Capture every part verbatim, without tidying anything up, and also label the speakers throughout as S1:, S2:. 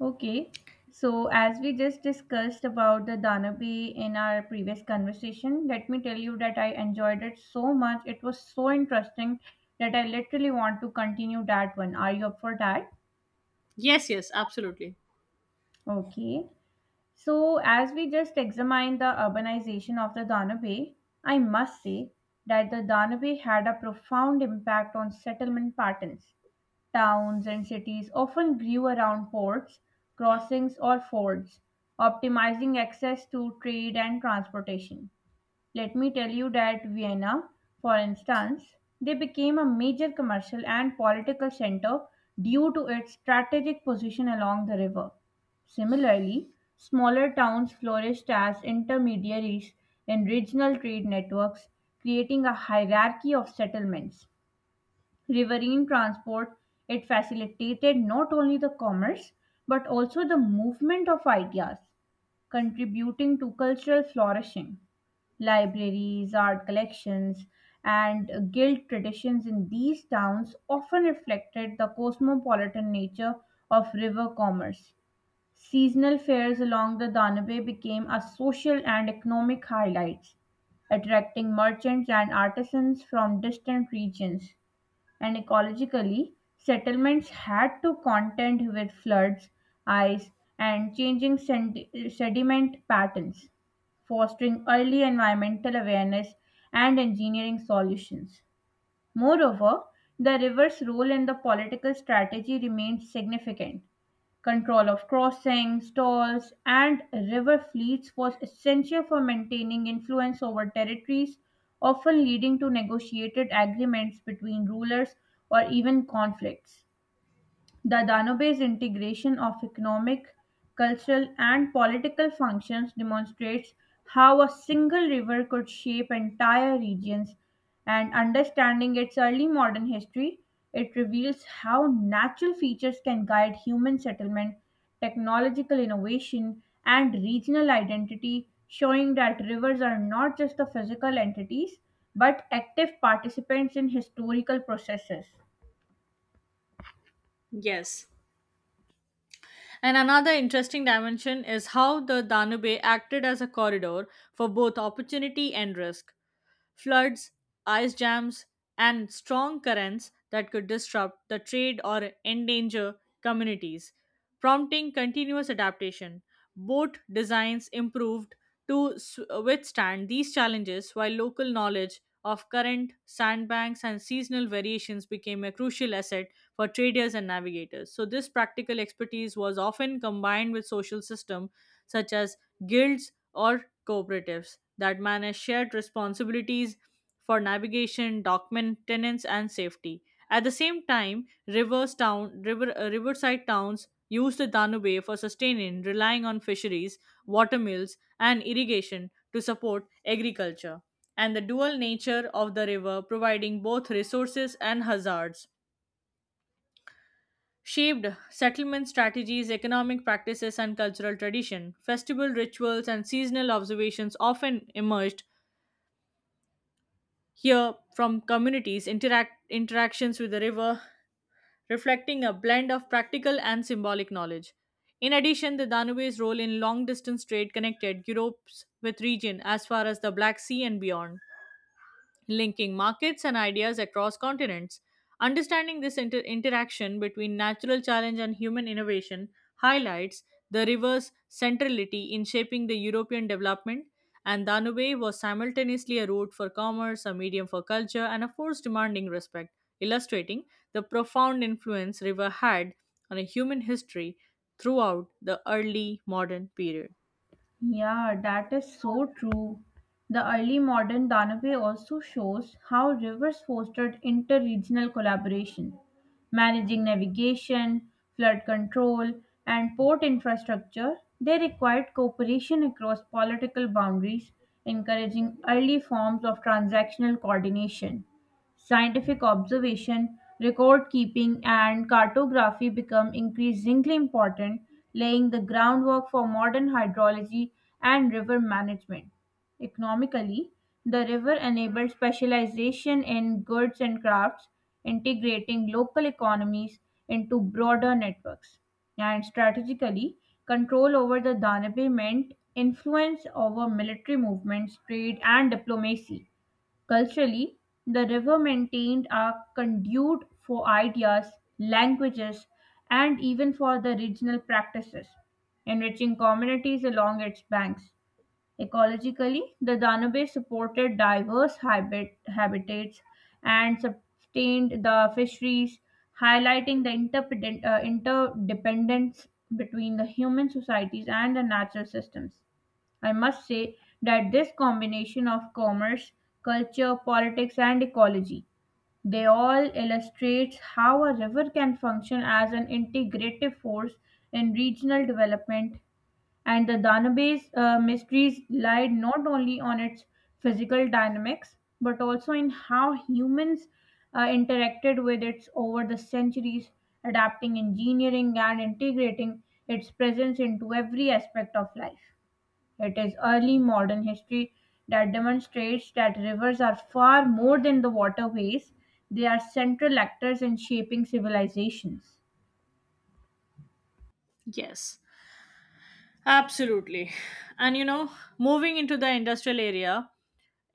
S1: Okay, so as we just discussed about the Danabe in our previous conversation, let me tell you that I enjoyed it so much. It was so interesting that I literally want to continue that one. Are you up for that?
S2: Yes, yes, absolutely.
S1: Okay. So, as we just examined the urbanization of the Danube, I must say that the Danube had a profound impact on settlement patterns. Towns and cities often grew around ports, crossings, or fords, optimizing access to trade and transportation. Let me tell you that Vienna, for instance, they became a major commercial and political center due to its strategic position along the river. Similarly, smaller towns flourished as intermediaries in regional trade networks, creating a hierarchy of settlements. Riverine transport, it facilitated not only the commerce but also the movement of ideas, contributing to cultural flourishing. Libraries, art collections, and guild traditions in these towns often reflected the cosmopolitan nature of river commerce. Seasonal fairs along the Danube became a social and economic highlights, attracting merchants and artisans from distant regions and ecologically, settlements had to contend with floods, ice, and changing sed- sediment patterns, fostering early environmental awareness and engineering solutions. Moreover, the river's role in the political strategy remained significant. Control of crossings, tolls, and river fleets was essential for maintaining influence over territories, often leading to negotiated agreements between rulers or even conflicts. The Danube's integration of economic, cultural, and political functions demonstrates how a single river could shape entire regions, and understanding its early modern history, it reveals how natural features can guide human settlement, technological innovation, and regional identity, showing that rivers are not just the physical entities but active participants in historical processes.
S2: Yes. And another interesting dimension is how the Danube acted as a corridor for both opportunity and risk. Floods, ice jams, and strong currents that could disrupt the trade or endanger communities, prompting continuous adaptation. Boat designs improved to s- withstand these challenges, while local knowledge of current, sandbanks, and seasonal variations became a crucial asset for traders and navigators. So, this practical expertise was often combined with social system such as guilds or cooperatives that manage shared responsibilities for navigation, dock maintenance, and safety. At the same time, rivers town, river, uh, riverside towns use the Danube for sustaining, relying on fisheries, water mills, and irrigation to support agriculture, and the dual nature of the river providing both resources and hazards shaped settlement strategies, economic practices, and cultural tradition. Festival rituals and seasonal observations often emerged here from communities' interact- interactions with the river, reflecting a blend of practical and symbolic knowledge. In addition, the Danube's role in long distance trade connected Europe's with region as far as the Black Sea and beyond, linking markets and ideas across continents. Understanding this inter- interaction between natural challenge and human innovation highlights the river's centrality in shaping the European development, and Danube was simultaneously a route for commerce, a medium for culture, and a force demanding respect, illustrating the profound influence river had on a human history throughout the early modern period.
S1: Yeah, that is so true. The early modern Danube also shows how rivers fostered inter regional collaboration, managing navigation, flood control, and port infrastructure. They required cooperation across political boundaries, encouraging early forms of transactional coordination. Scientific observation, record keeping, and cartography become increasingly important, laying the groundwork for modern hydrology and river management. Economically, the river enabled specialization in goods and crafts, integrating local economies into broader networks. And strategically, control over the Danube meant influence over military movements, trade, and diplomacy. Culturally, the river maintained a conduit for ideas, languages, and even for the regional practices, enriching communities along its banks. Ecologically, the Danube supported diverse habit- habitats and sustained the fisheries, highlighting the interdependen- uh, interdependence between the human societies and the natural systems. I must say that this combination of commerce, culture, politics, and ecology, they all illustrates how a river can function as an integrative force in regional development. And the Danube's uh, mysteries lied not only on its physical dynamics, but also in how humans uh, interacted with it over the centuries, adapting engineering and integrating its presence into every aspect of life. It is early modern history that demonstrates that rivers are far more than the waterways, they are central actors in shaping civilizations.
S2: Yes, absolutely. And you know, moving into the industrial area,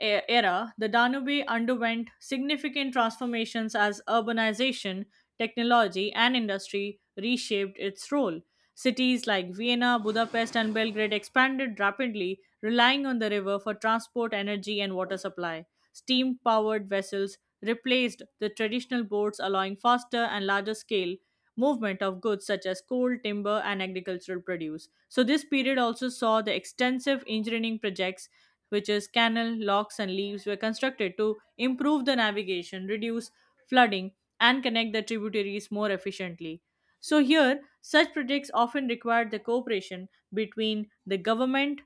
S2: e- era, the Danube underwent significant transformations as urbanization, technology, and industry reshaped its role. Cities like Vienna, Budapest, and Belgrade expanded rapidly, relying on the river for transport, energy, and water supply. Steam powered vessels replaced the traditional boats, allowing faster and larger scale movement of goods such as coal, timber, and agricultural produce. So, this period also saw the extensive engineering projects, which is canal, locks, and leaves, were constructed to improve the navigation, reduce flooding, and connect the tributaries more efficiently. So, here, such projects often required the cooperation between the government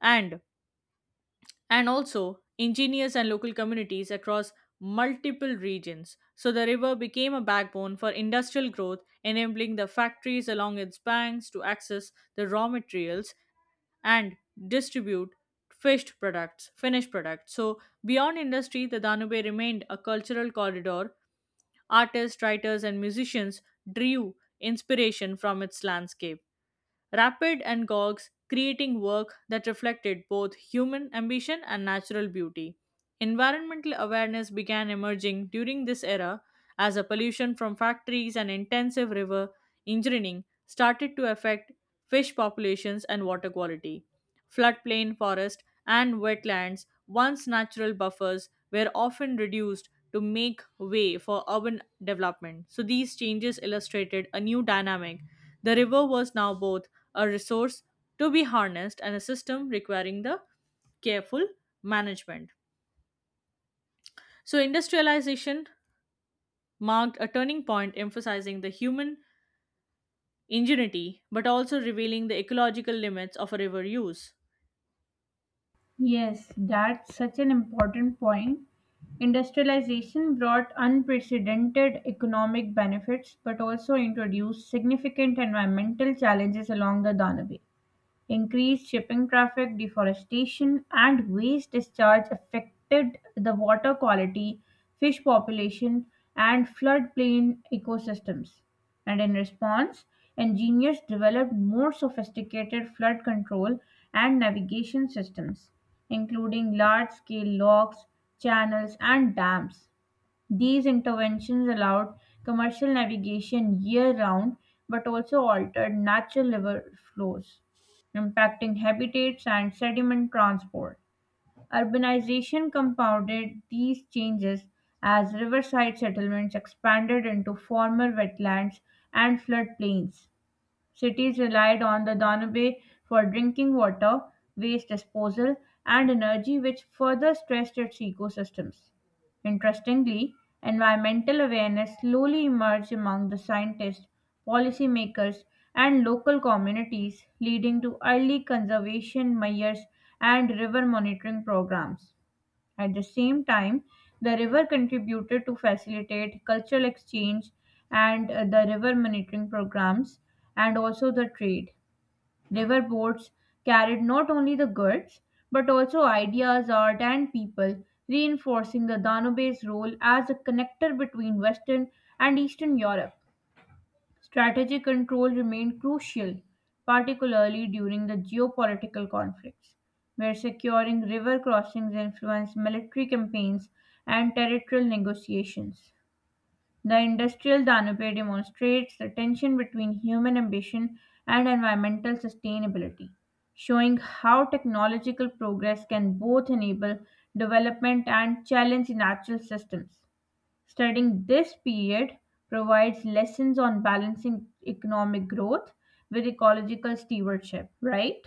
S2: and and also engineers and local communities across multiple regions. So the river became a backbone for industrial growth, enabling the factories along its banks to access the raw materials and distribute fished products, finished products. So beyond industry, the Danube remained a cultural corridor. Artists, writers, and musicians drew inspiration from its landscape. Rapid and Gogs, creating work that reflected both human ambition and natural beauty. Environmental awareness began emerging during this era as a pollution from factories and intensive river engineering started to affect fish populations and water quality. Floodplain forest and wetlands, once natural buffers, were often reduced to make way for urban development. So these changes illustrated a new dynamic. The river was now both a resource to be harnessed and a system requiring the careful management. So industrialization marked a turning point emphasizing the human ingenuity but also revealing the ecological limits of a river use.
S1: Yes, that's such an important point. Industrialization brought unprecedented economic benefits but also introduced significant environmental challenges along the Danube. Increased shipping traffic, deforestation, and waste discharge affected the water quality, fish population, and floodplain ecosystems. And in response, engineers developed more sophisticated flood control and navigation systems, including large scale locks, channels, and dams. These interventions allowed commercial navigation year round but also altered natural river flows, impacting habitats and sediment transport. Urbanization compounded these changes as riverside settlements expanded into former wetlands and floodplains. Cities relied on the Danube for drinking water, waste disposal, and energy, which further stressed its ecosystems. Interestingly, environmental awareness slowly emerged among the scientists, policymakers, and local communities, leading to early conservation measures and river monitoring programs. At the same time, the river contributed to facilitate cultural exchange and uh, the river monitoring programs and also the trade. River boats carried not only the goods but also ideas, art, and people, reinforcing the Danube's role as a connector between Western and Eastern Europe. Strategic control remained crucial, particularly during the geopolitical conflicts, where securing river crossings influenced military campaigns and territorial negotiations. The industrial Danube demonstrates the tension between human ambition and environmental sustainability, showing how technological progress can both enable development and challenge natural systems. Studying this period provides lessons on balancing economic growth with ecological stewardship, right?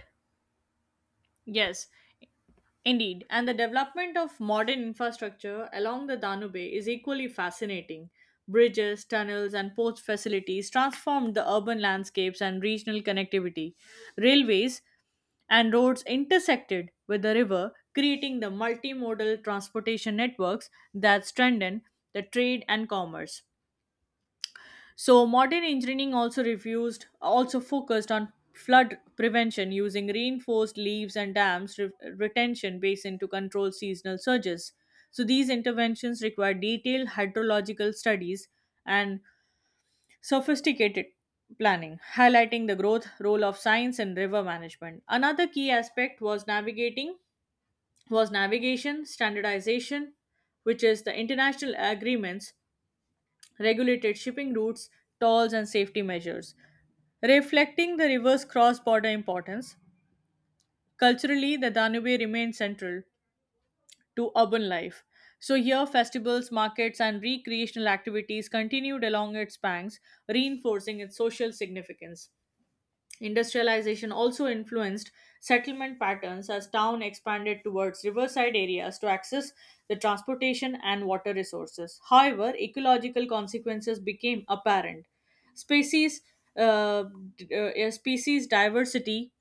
S2: Yes, indeed, and the development of modern infrastructure along the Danube is equally fascinating. Bridges, tunnels, and port facilities transformed the urban landscapes and regional connectivity. Railways and roads intersected with the river, creating the multimodal transportation networks that strengthen the trade and commerce. So modern engineering also refused also focused on flood prevention using reinforced leaves and dams re- retention basin to control seasonal surges. So these interventions require detailed hydrological studies and sophisticated planning, highlighting the growth role of science in river management. Another key aspect was navigating was navigation standardization, which is the international agreements regulated shipping routes, tolls, and safety measures. Reflecting the river's cross border importance, culturally the Danube remains central to urban life. So, here festivals, markets, and recreational activities continued along its banks, reinforcing its social significance. Industrialization also influenced settlement patterns as town expanded towards riverside areas to access the transportation and water resources. However, ecological consequences became apparent. Species uh, d- uh, species diversity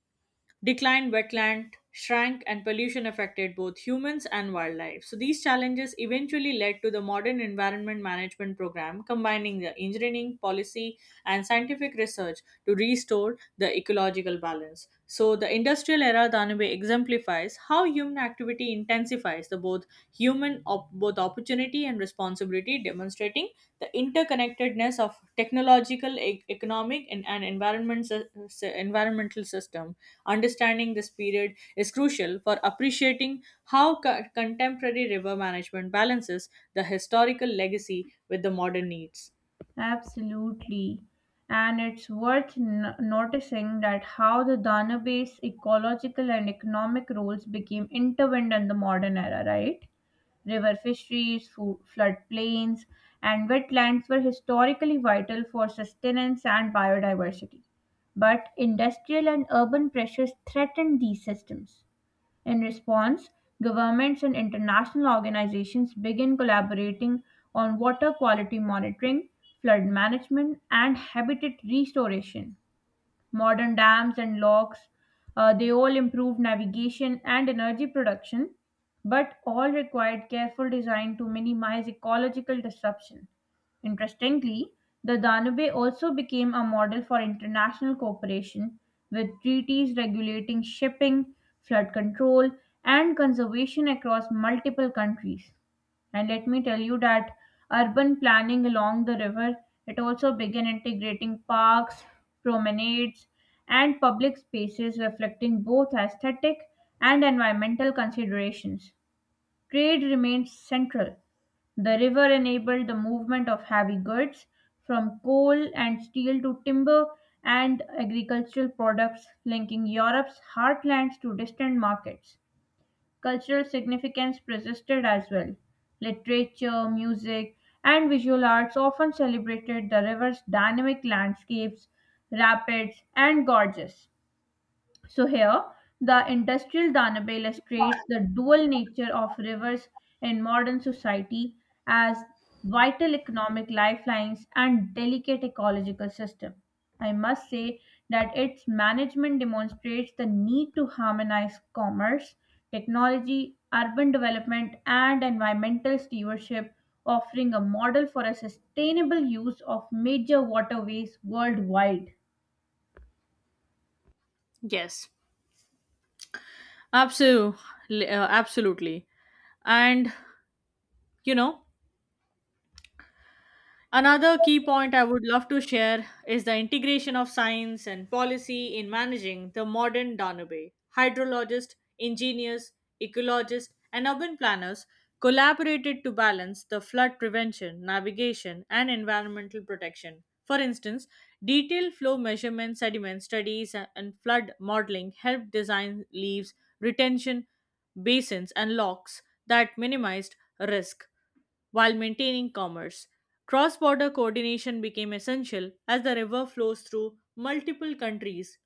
S2: declined, wetland shrank and pollution affected both humans and wildlife. So these challenges eventually led to the modern environment management program combining the engineering, policy and scientific research to restore the ecological balance. So the industrial era Danabe exemplifies how human activity intensifies the both human op- both opportunity and responsibility demonstrating the interconnectedness of technological, e- economic and, and environment, sy- sy- environmental system. Understanding this period is crucial for appreciating how co- contemporary river management balances the historical legacy with the modern needs.
S1: Absolutely. And it's worth n- noticing that how the Danube's ecological and economic roles became intertwined in the modern era, right? River fisheries, fo- floodplains, and wetlands were historically vital for sustenance and biodiversity. But industrial and urban pressures threatened these systems. In response, governments and international organizations begin collaborating on water quality monitoring, flood management, and habitat restoration modern dams and locks. Uh, they all improved navigation and energy production, but all required careful design to minimize ecological disruption. Interestingly, the Danube also became a model for international cooperation, with treaties regulating shipping, flood control, and conservation across multiple countries. And let me tell you that urban planning along the river, it also began integrating parks, promenades, and public spaces reflecting both aesthetic and environmental considerations. Trade remained central. The river enabled the movement of heavy goods from coal and steel to timber and agricultural products, linking Europe's heartlands to distant markets. Cultural significance persisted as well. Literature, music, and visual arts often celebrated the river's dynamic landscapes, rapids, and gorges. So here, the industrial Danube illustrates the dual nature of rivers in modern society as vital economic lifelines and delicate ecological system. I must say that its management demonstrates the need to harmonize commerce, technology, urban development, and environmental stewardship, offering a model for a sustainable use of major waterways worldwide.
S2: Yes, absolutely, absolutely. And you know, another key point I would love to share is the integration of science and policy in managing the modern Danube. Hydrologists, engineers, ecologists, and urban planners collaborated to balance the flood prevention, navigation, and environmental protection. For instance, detailed flow measurements, sediment studies, a- and flood modeling helped design leaves, retention basins, and locks that minimized risk while maintaining commerce. Cross border coordination became essential as the river flows through multiple countries,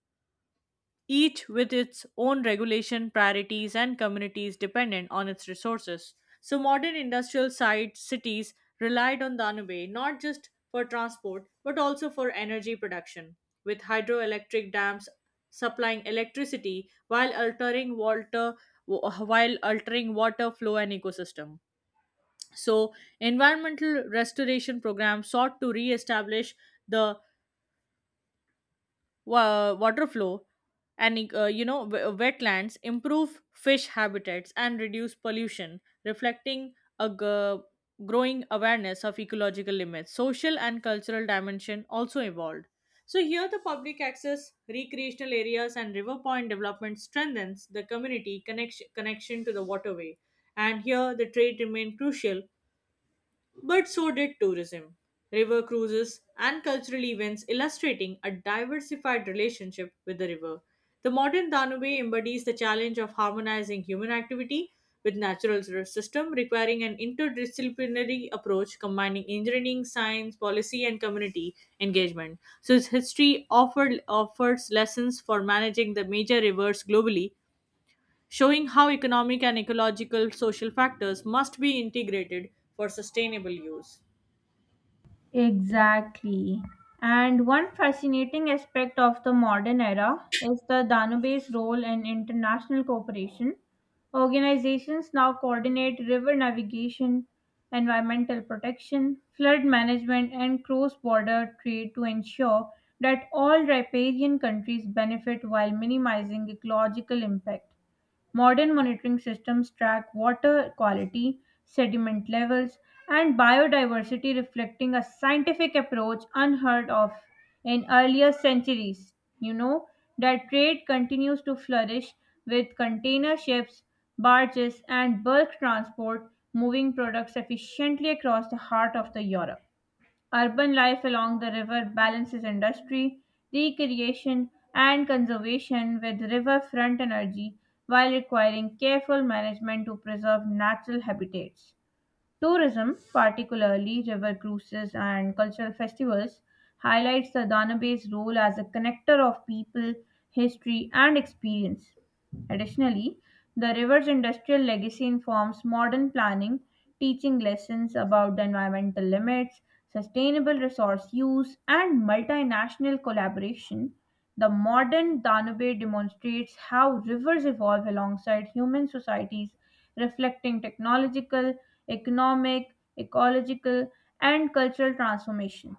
S2: each with its own regulation, priorities, and communities dependent on its resources. So, modern industrial site cities relied on Danube not just for transport but also for energy production, with hydroelectric dams supplying electricity while altering water while altering water flow and ecosystem. So, environmental restoration program sought to re-establish the wa- water flow and uh, you know w- wetlands, improve fish habitats, and reduce pollution, reflecting a g- growing awareness of ecological limits. Social and cultural dimension also evolved. So here, the public access, recreational areas, and river point development strengthens the community connection connection to the waterway. And here, the trade remained crucial but so did tourism, river cruises, and cultural events illustrating a diversified relationship with the river. The modern Danube embodies the challenge of harmonizing human activity with natural resource system requiring an interdisciplinary approach combining engineering science policy and community engagement so its history offered, offers lessons for managing the major rivers globally showing how economic and ecological social factors must be integrated for sustainable use.
S1: Exactly. And one fascinating aspect of the modern era is the Danube's role in international cooperation. Organizations now coordinate river navigation, environmental protection, flood management, and cross border trade to ensure that all riparian countries benefit while minimizing ecological impact. Modern monitoring systems track water quality, sediment levels, and biodiversity, reflecting a scientific approach unheard of in earlier centuries. You know that trade continues to flourish with container ships, barges, and bulk transport moving products efficiently across the heart of the Europe. Urban life along the river balances industry, recreation, and conservation with riverfront energy while requiring careful management to preserve natural habitats. Tourism, particularly river cruises and cultural festivals, highlights the Danube's role as a connector of people, history, and experience. Additionally, the river's industrial legacy informs modern planning, teaching lessons about the environmental limits, sustainable resource use, and multinational collaboration. The modern Danube demonstrates how rivers evolve alongside human societies, reflecting technological, economic, ecological, and cultural transformation.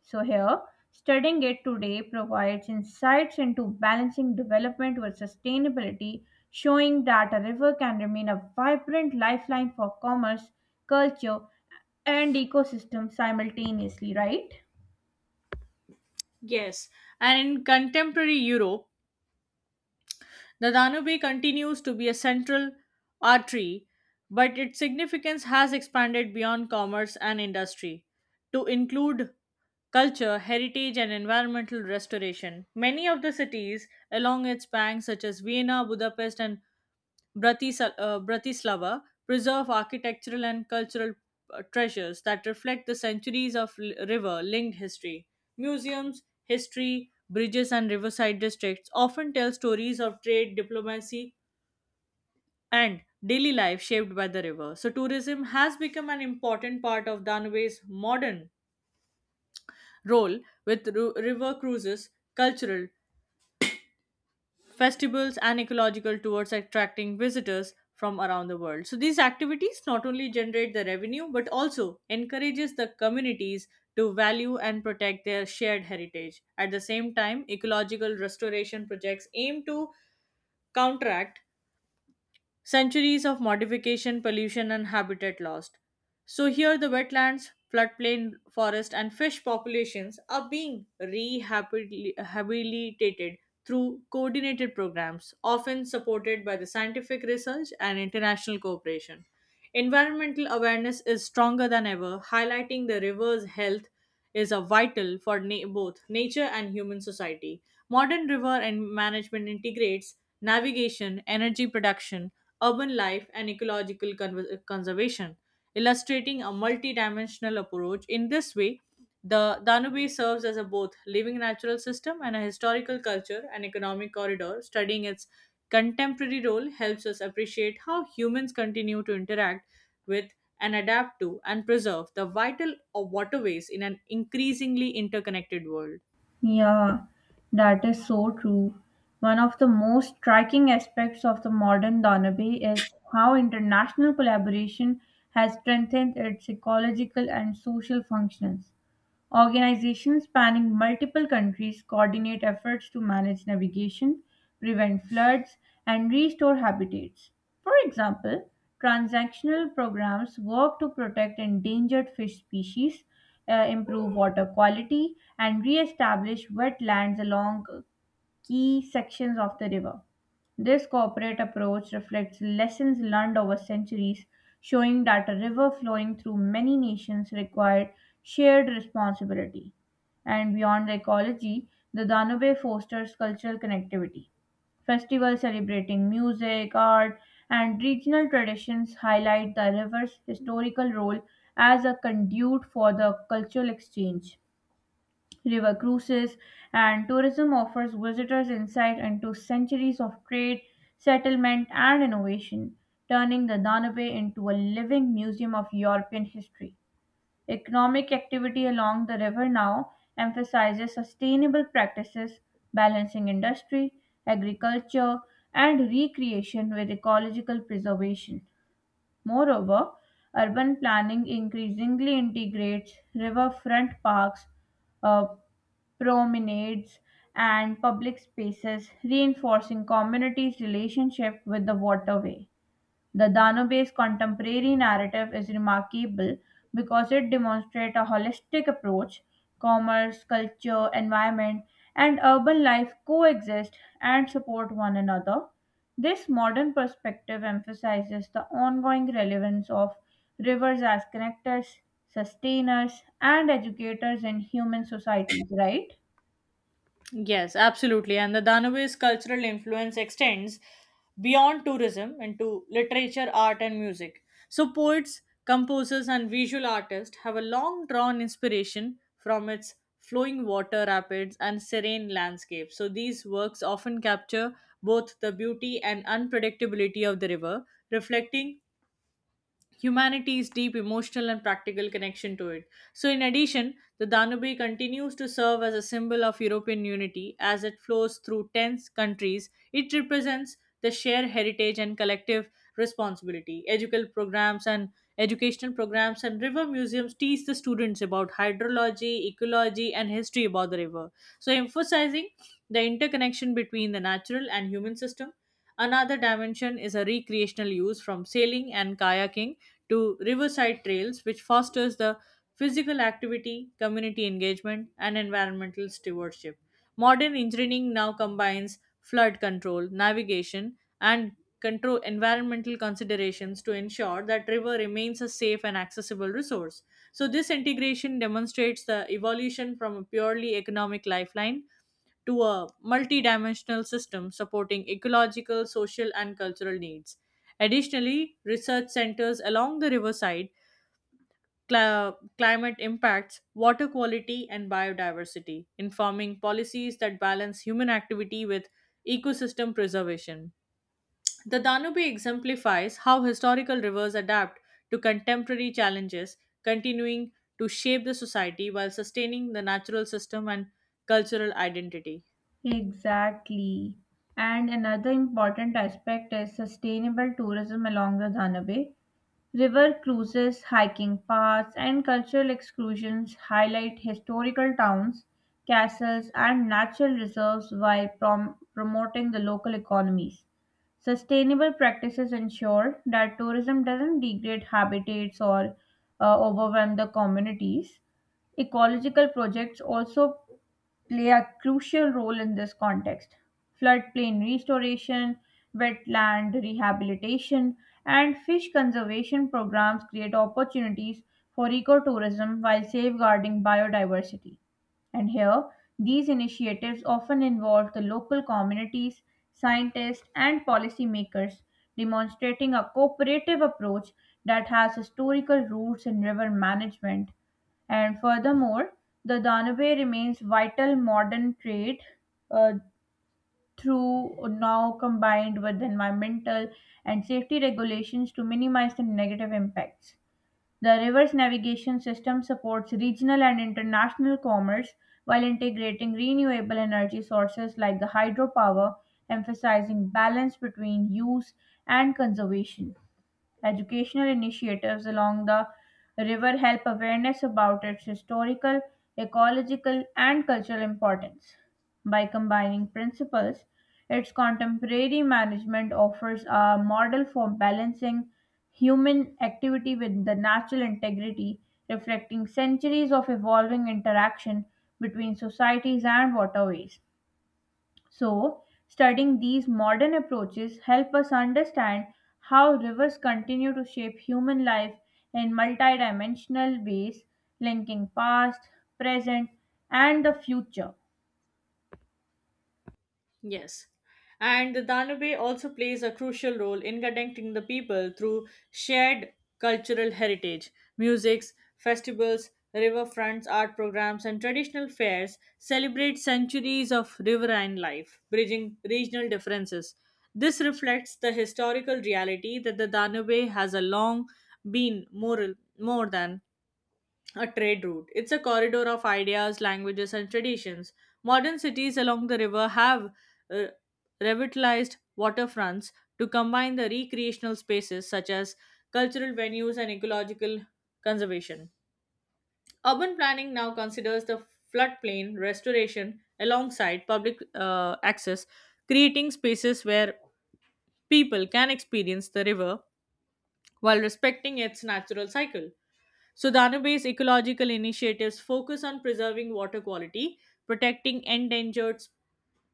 S1: So, here, studying it today provides insights into balancing development with sustainability, showing that a river can remain a vibrant lifeline for commerce, culture, and ecosystem simultaneously, right?
S2: Yes, and in contemporary Europe, the Danube continues to be a central artery, but its significance has expanded beyond commerce and industry to include culture, heritage, and environmental restoration. Many of the cities along its banks, such as Vienna, Budapest, and Bratis- uh, Bratislava preserve architectural and cultural uh, treasures that reflect the centuries of l- river linked history. Museums, history, bridges, and riverside districts often tell stories of trade, diplomacy, and daily life shaped by the river. So, tourism has become an important part of Danub's modern role with ru- river cruises, cultural, festivals and ecological tours attracting visitors from around the world so these activities not only generate the revenue but also encourages the communities to value and protect their shared heritage at the same time ecological restoration projects aim to counteract centuries of modification, pollution, and habitat lost. So, here the wetlands, floodplain, forest, and fish populations are being rehabilitated through coordinated programs, often supported by the scientific research and international cooperation. Environmental awareness is stronger than ever, highlighting the river's health is a vital for na- both nature and human society. Modern river and management integrates navigation, energy production, urban life, and ecological conver- conservation, illustrating a multidimensional approach. In this way, the Danube serves as a both living natural system and a historical culture and economic corridor. Studying its contemporary role helps us appreciate how humans continue to interact with and adapt to and preserve the vital waterways in an increasingly interconnected world.
S1: Yeah, that is so true. One of the most striking aspects of the modern Donabe is how international collaboration has strengthened its ecological and social functions. Organizations spanning multiple countries coordinate efforts to manage navigation, prevent floods, and restore habitats. For example, transactional programs work to protect endangered fish species, uh, improve water quality, and re establish wetlands along key sections of the river. This corporate approach reflects lessons learned over centuries, showing that a river flowing through many nations required shared responsibility. And beyond the ecology, the Danube fosters cultural connectivity. Festivals celebrating music, art, and regional traditions highlight the river's historical role as a conduit for the cultural exchange river cruises, and tourism offers visitors insight into centuries of trade, settlement, and innovation, turning the Danube into a living museum of European history. Economic activity along the river now emphasizes sustainable practices, balancing industry, agriculture, and recreation with ecological preservation. Moreover, urban planning increasingly integrates riverfront parks, uh, promenades, and public spaces, reinforcing communities' relationship with the waterway. The Danube's contemporary narrative is remarkable because it demonstrates a holistic approach. Commerce, culture, environment, and urban life coexist and support one another. This modern perspective emphasizes the ongoing relevance of rivers as connectors, sustainers, and educators in human societies, right?
S2: Yes, absolutely. And the Danube's cultural influence extends beyond tourism into literature, art, and music. So, poets, composers, and visual artists have a long drawn inspiration from its flowing water rapids and serene landscapes. So, these works often capture both the beauty and unpredictability of the river, reflecting humanity's deep emotional and practical connection to it. So, in addition, the Danube continues to serve as a symbol of European unity as it flows through ten countries. It represents the shared heritage and collective responsibility. Educational programs and educational programs and river museums teach the students about hydrology, ecology, and history about the river. So, emphasizing the interconnection between the natural and human system. Another dimension is a recreational use from sailing and kayaking to riverside trails, which fosters the physical activity, community engagement, and environmental stewardship. Modern engineering now combines flood control, navigation, and control environmental considerations to ensure that river remains a safe and accessible resource. So this integration demonstrates the evolution from a purely economic lifeline to a multidimensional system supporting ecological, social, and cultural needs. Additionally, research centers along the riverside cl- climate impacts, water quality, and biodiversity, informing policies that balance human activity with ecosystem preservation. The Danube exemplifies how historical rivers adapt to contemporary challenges, continuing to shape the society while sustaining the natural system and cultural identity.
S1: Exactly. And another important aspect is sustainable tourism along the Danube. River cruises, hiking paths, and cultural excursions highlight historical towns, castles, and natural reserves while prom- promoting the local economies. Sustainable practices ensure that tourism doesn't degrade habitats or uh, overwhelm the communities. Ecological projects also play a crucial role in this context. Floodplain restoration, wetland rehabilitation, and fish conservation programs create opportunities for ecotourism while safeguarding biodiversity. And here, these initiatives often involve the local communities, scientists, and policymakers, demonstrating a cooperative approach that has historical roots in river management and furthermore, the Danube remains vital modern trade uh, through now combined with environmental and safety regulations to minimize the negative impacts. The river's navigation system supports regional and international commerce while integrating renewable energy sources like the hydropower, emphasizing balance between use and conservation. Educational initiatives along the river help awareness about its historical, ecological, and cultural importance. By combining principles, its contemporary management offers a model for balancing human activity with the natural integrity, reflecting centuries of evolving interaction between societies and waterways. So, studying these modern approaches help us understand how rivers continue to shape human life in multidimensional ways, linking past, present, and the future.
S2: Yes. And the Danube also plays a crucial role in connecting the people through shared cultural heritage. Musics, festivals, riverfronts, art programs, and traditional fairs celebrate centuries of riverine life, bridging regional differences. This reflects the historical reality that the Danube has a long been moral, more than a trade route. It's a corridor of ideas, languages, and traditions. Modern cities along the river have uh, revitalized waterfronts to combine the recreational spaces such as cultural venues and ecological conservation. Urban planning now considers the floodplain restoration alongside public uh, access, creating spaces where people can experience the river while respecting its natural cycle. Sudana based ecological initiatives focus on preserving water quality, protecting endangered s-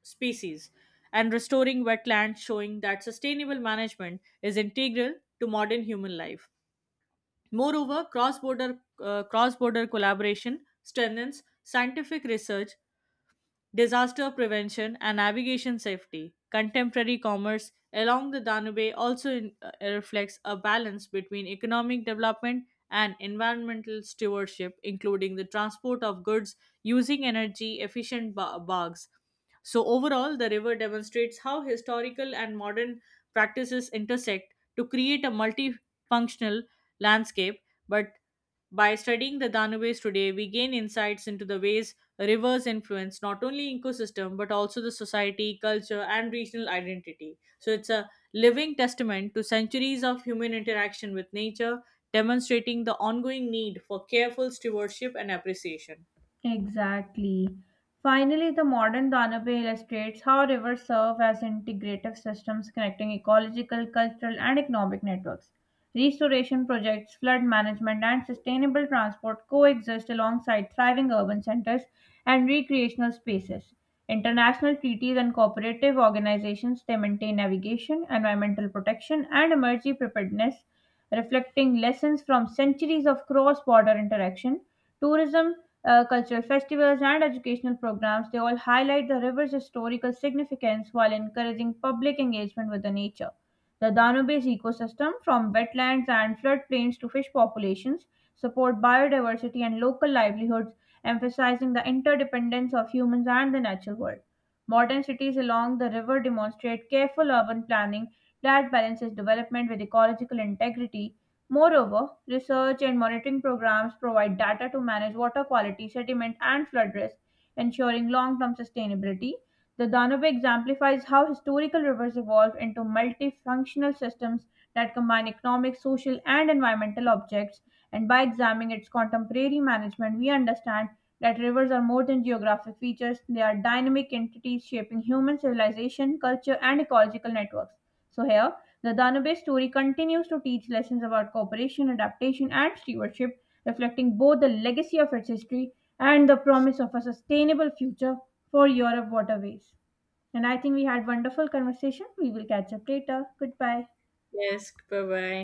S2: species, and restoring wetlands, showing that sustainable management is integral to modern human life. Moreover, cross border cross border collaboration strengthens scientific research disaster prevention and navigation safety. Contemporary commerce along the Danube also in- uh, reflects a balance between economic development and environmental stewardship, including the transport of goods using energy efficient ba- bags. So, overall, the river demonstrates how historical and modern practices intersect to create a multifunctional landscape, but by studying the Danube's today, we gain insights into the ways rivers influence not only ecosystem but also the society, culture, and regional identity. So it's a living testament to centuries of human interaction with nature, demonstrating the ongoing need for careful stewardship and appreciation.
S1: Exactly. Finally, the modern Danube illustrates how rivers serve as integrative systems connecting ecological, cultural, and economic networks. Restoration projects, flood management, and sustainable transport coexist alongside thriving urban centers and recreational spaces. International treaties and cooperative organizations they maintain navigation, environmental protection, and emergency preparedness, reflecting lessons from centuries of cross-border interaction tourism uh, cultural festivals, and educational programs. They all highlight the river's historical significance while encouraging public engagement with the nature. The Danube ecosystem, from wetlands and floodplains to fish populations, support biodiversity and local livelihoods, emphasizing the interdependence of humans and the natural world. Modern cities along the river demonstrate careful urban planning that balances development with ecological integrity. Moreover, research and monitoring programs provide data to manage water quality, sediment, and flood risk, ensuring long term sustainability. The Danube exemplifies how historical rivers evolved into multifunctional systems that combine economic, social, and environmental objects. And by examining its contemporary management, we understand that rivers are more than geographic features, they are dynamic entities shaping human civilization, culture, and ecological networks. So, here, the Danube story continues to teach lessons about cooperation, adaptation, and stewardship, reflecting both the legacy of its history and the promise of a sustainable future for Europe waterways. And I think we had wonderful conversation. We will catch up later. Goodbye.
S2: Yes, bye bye.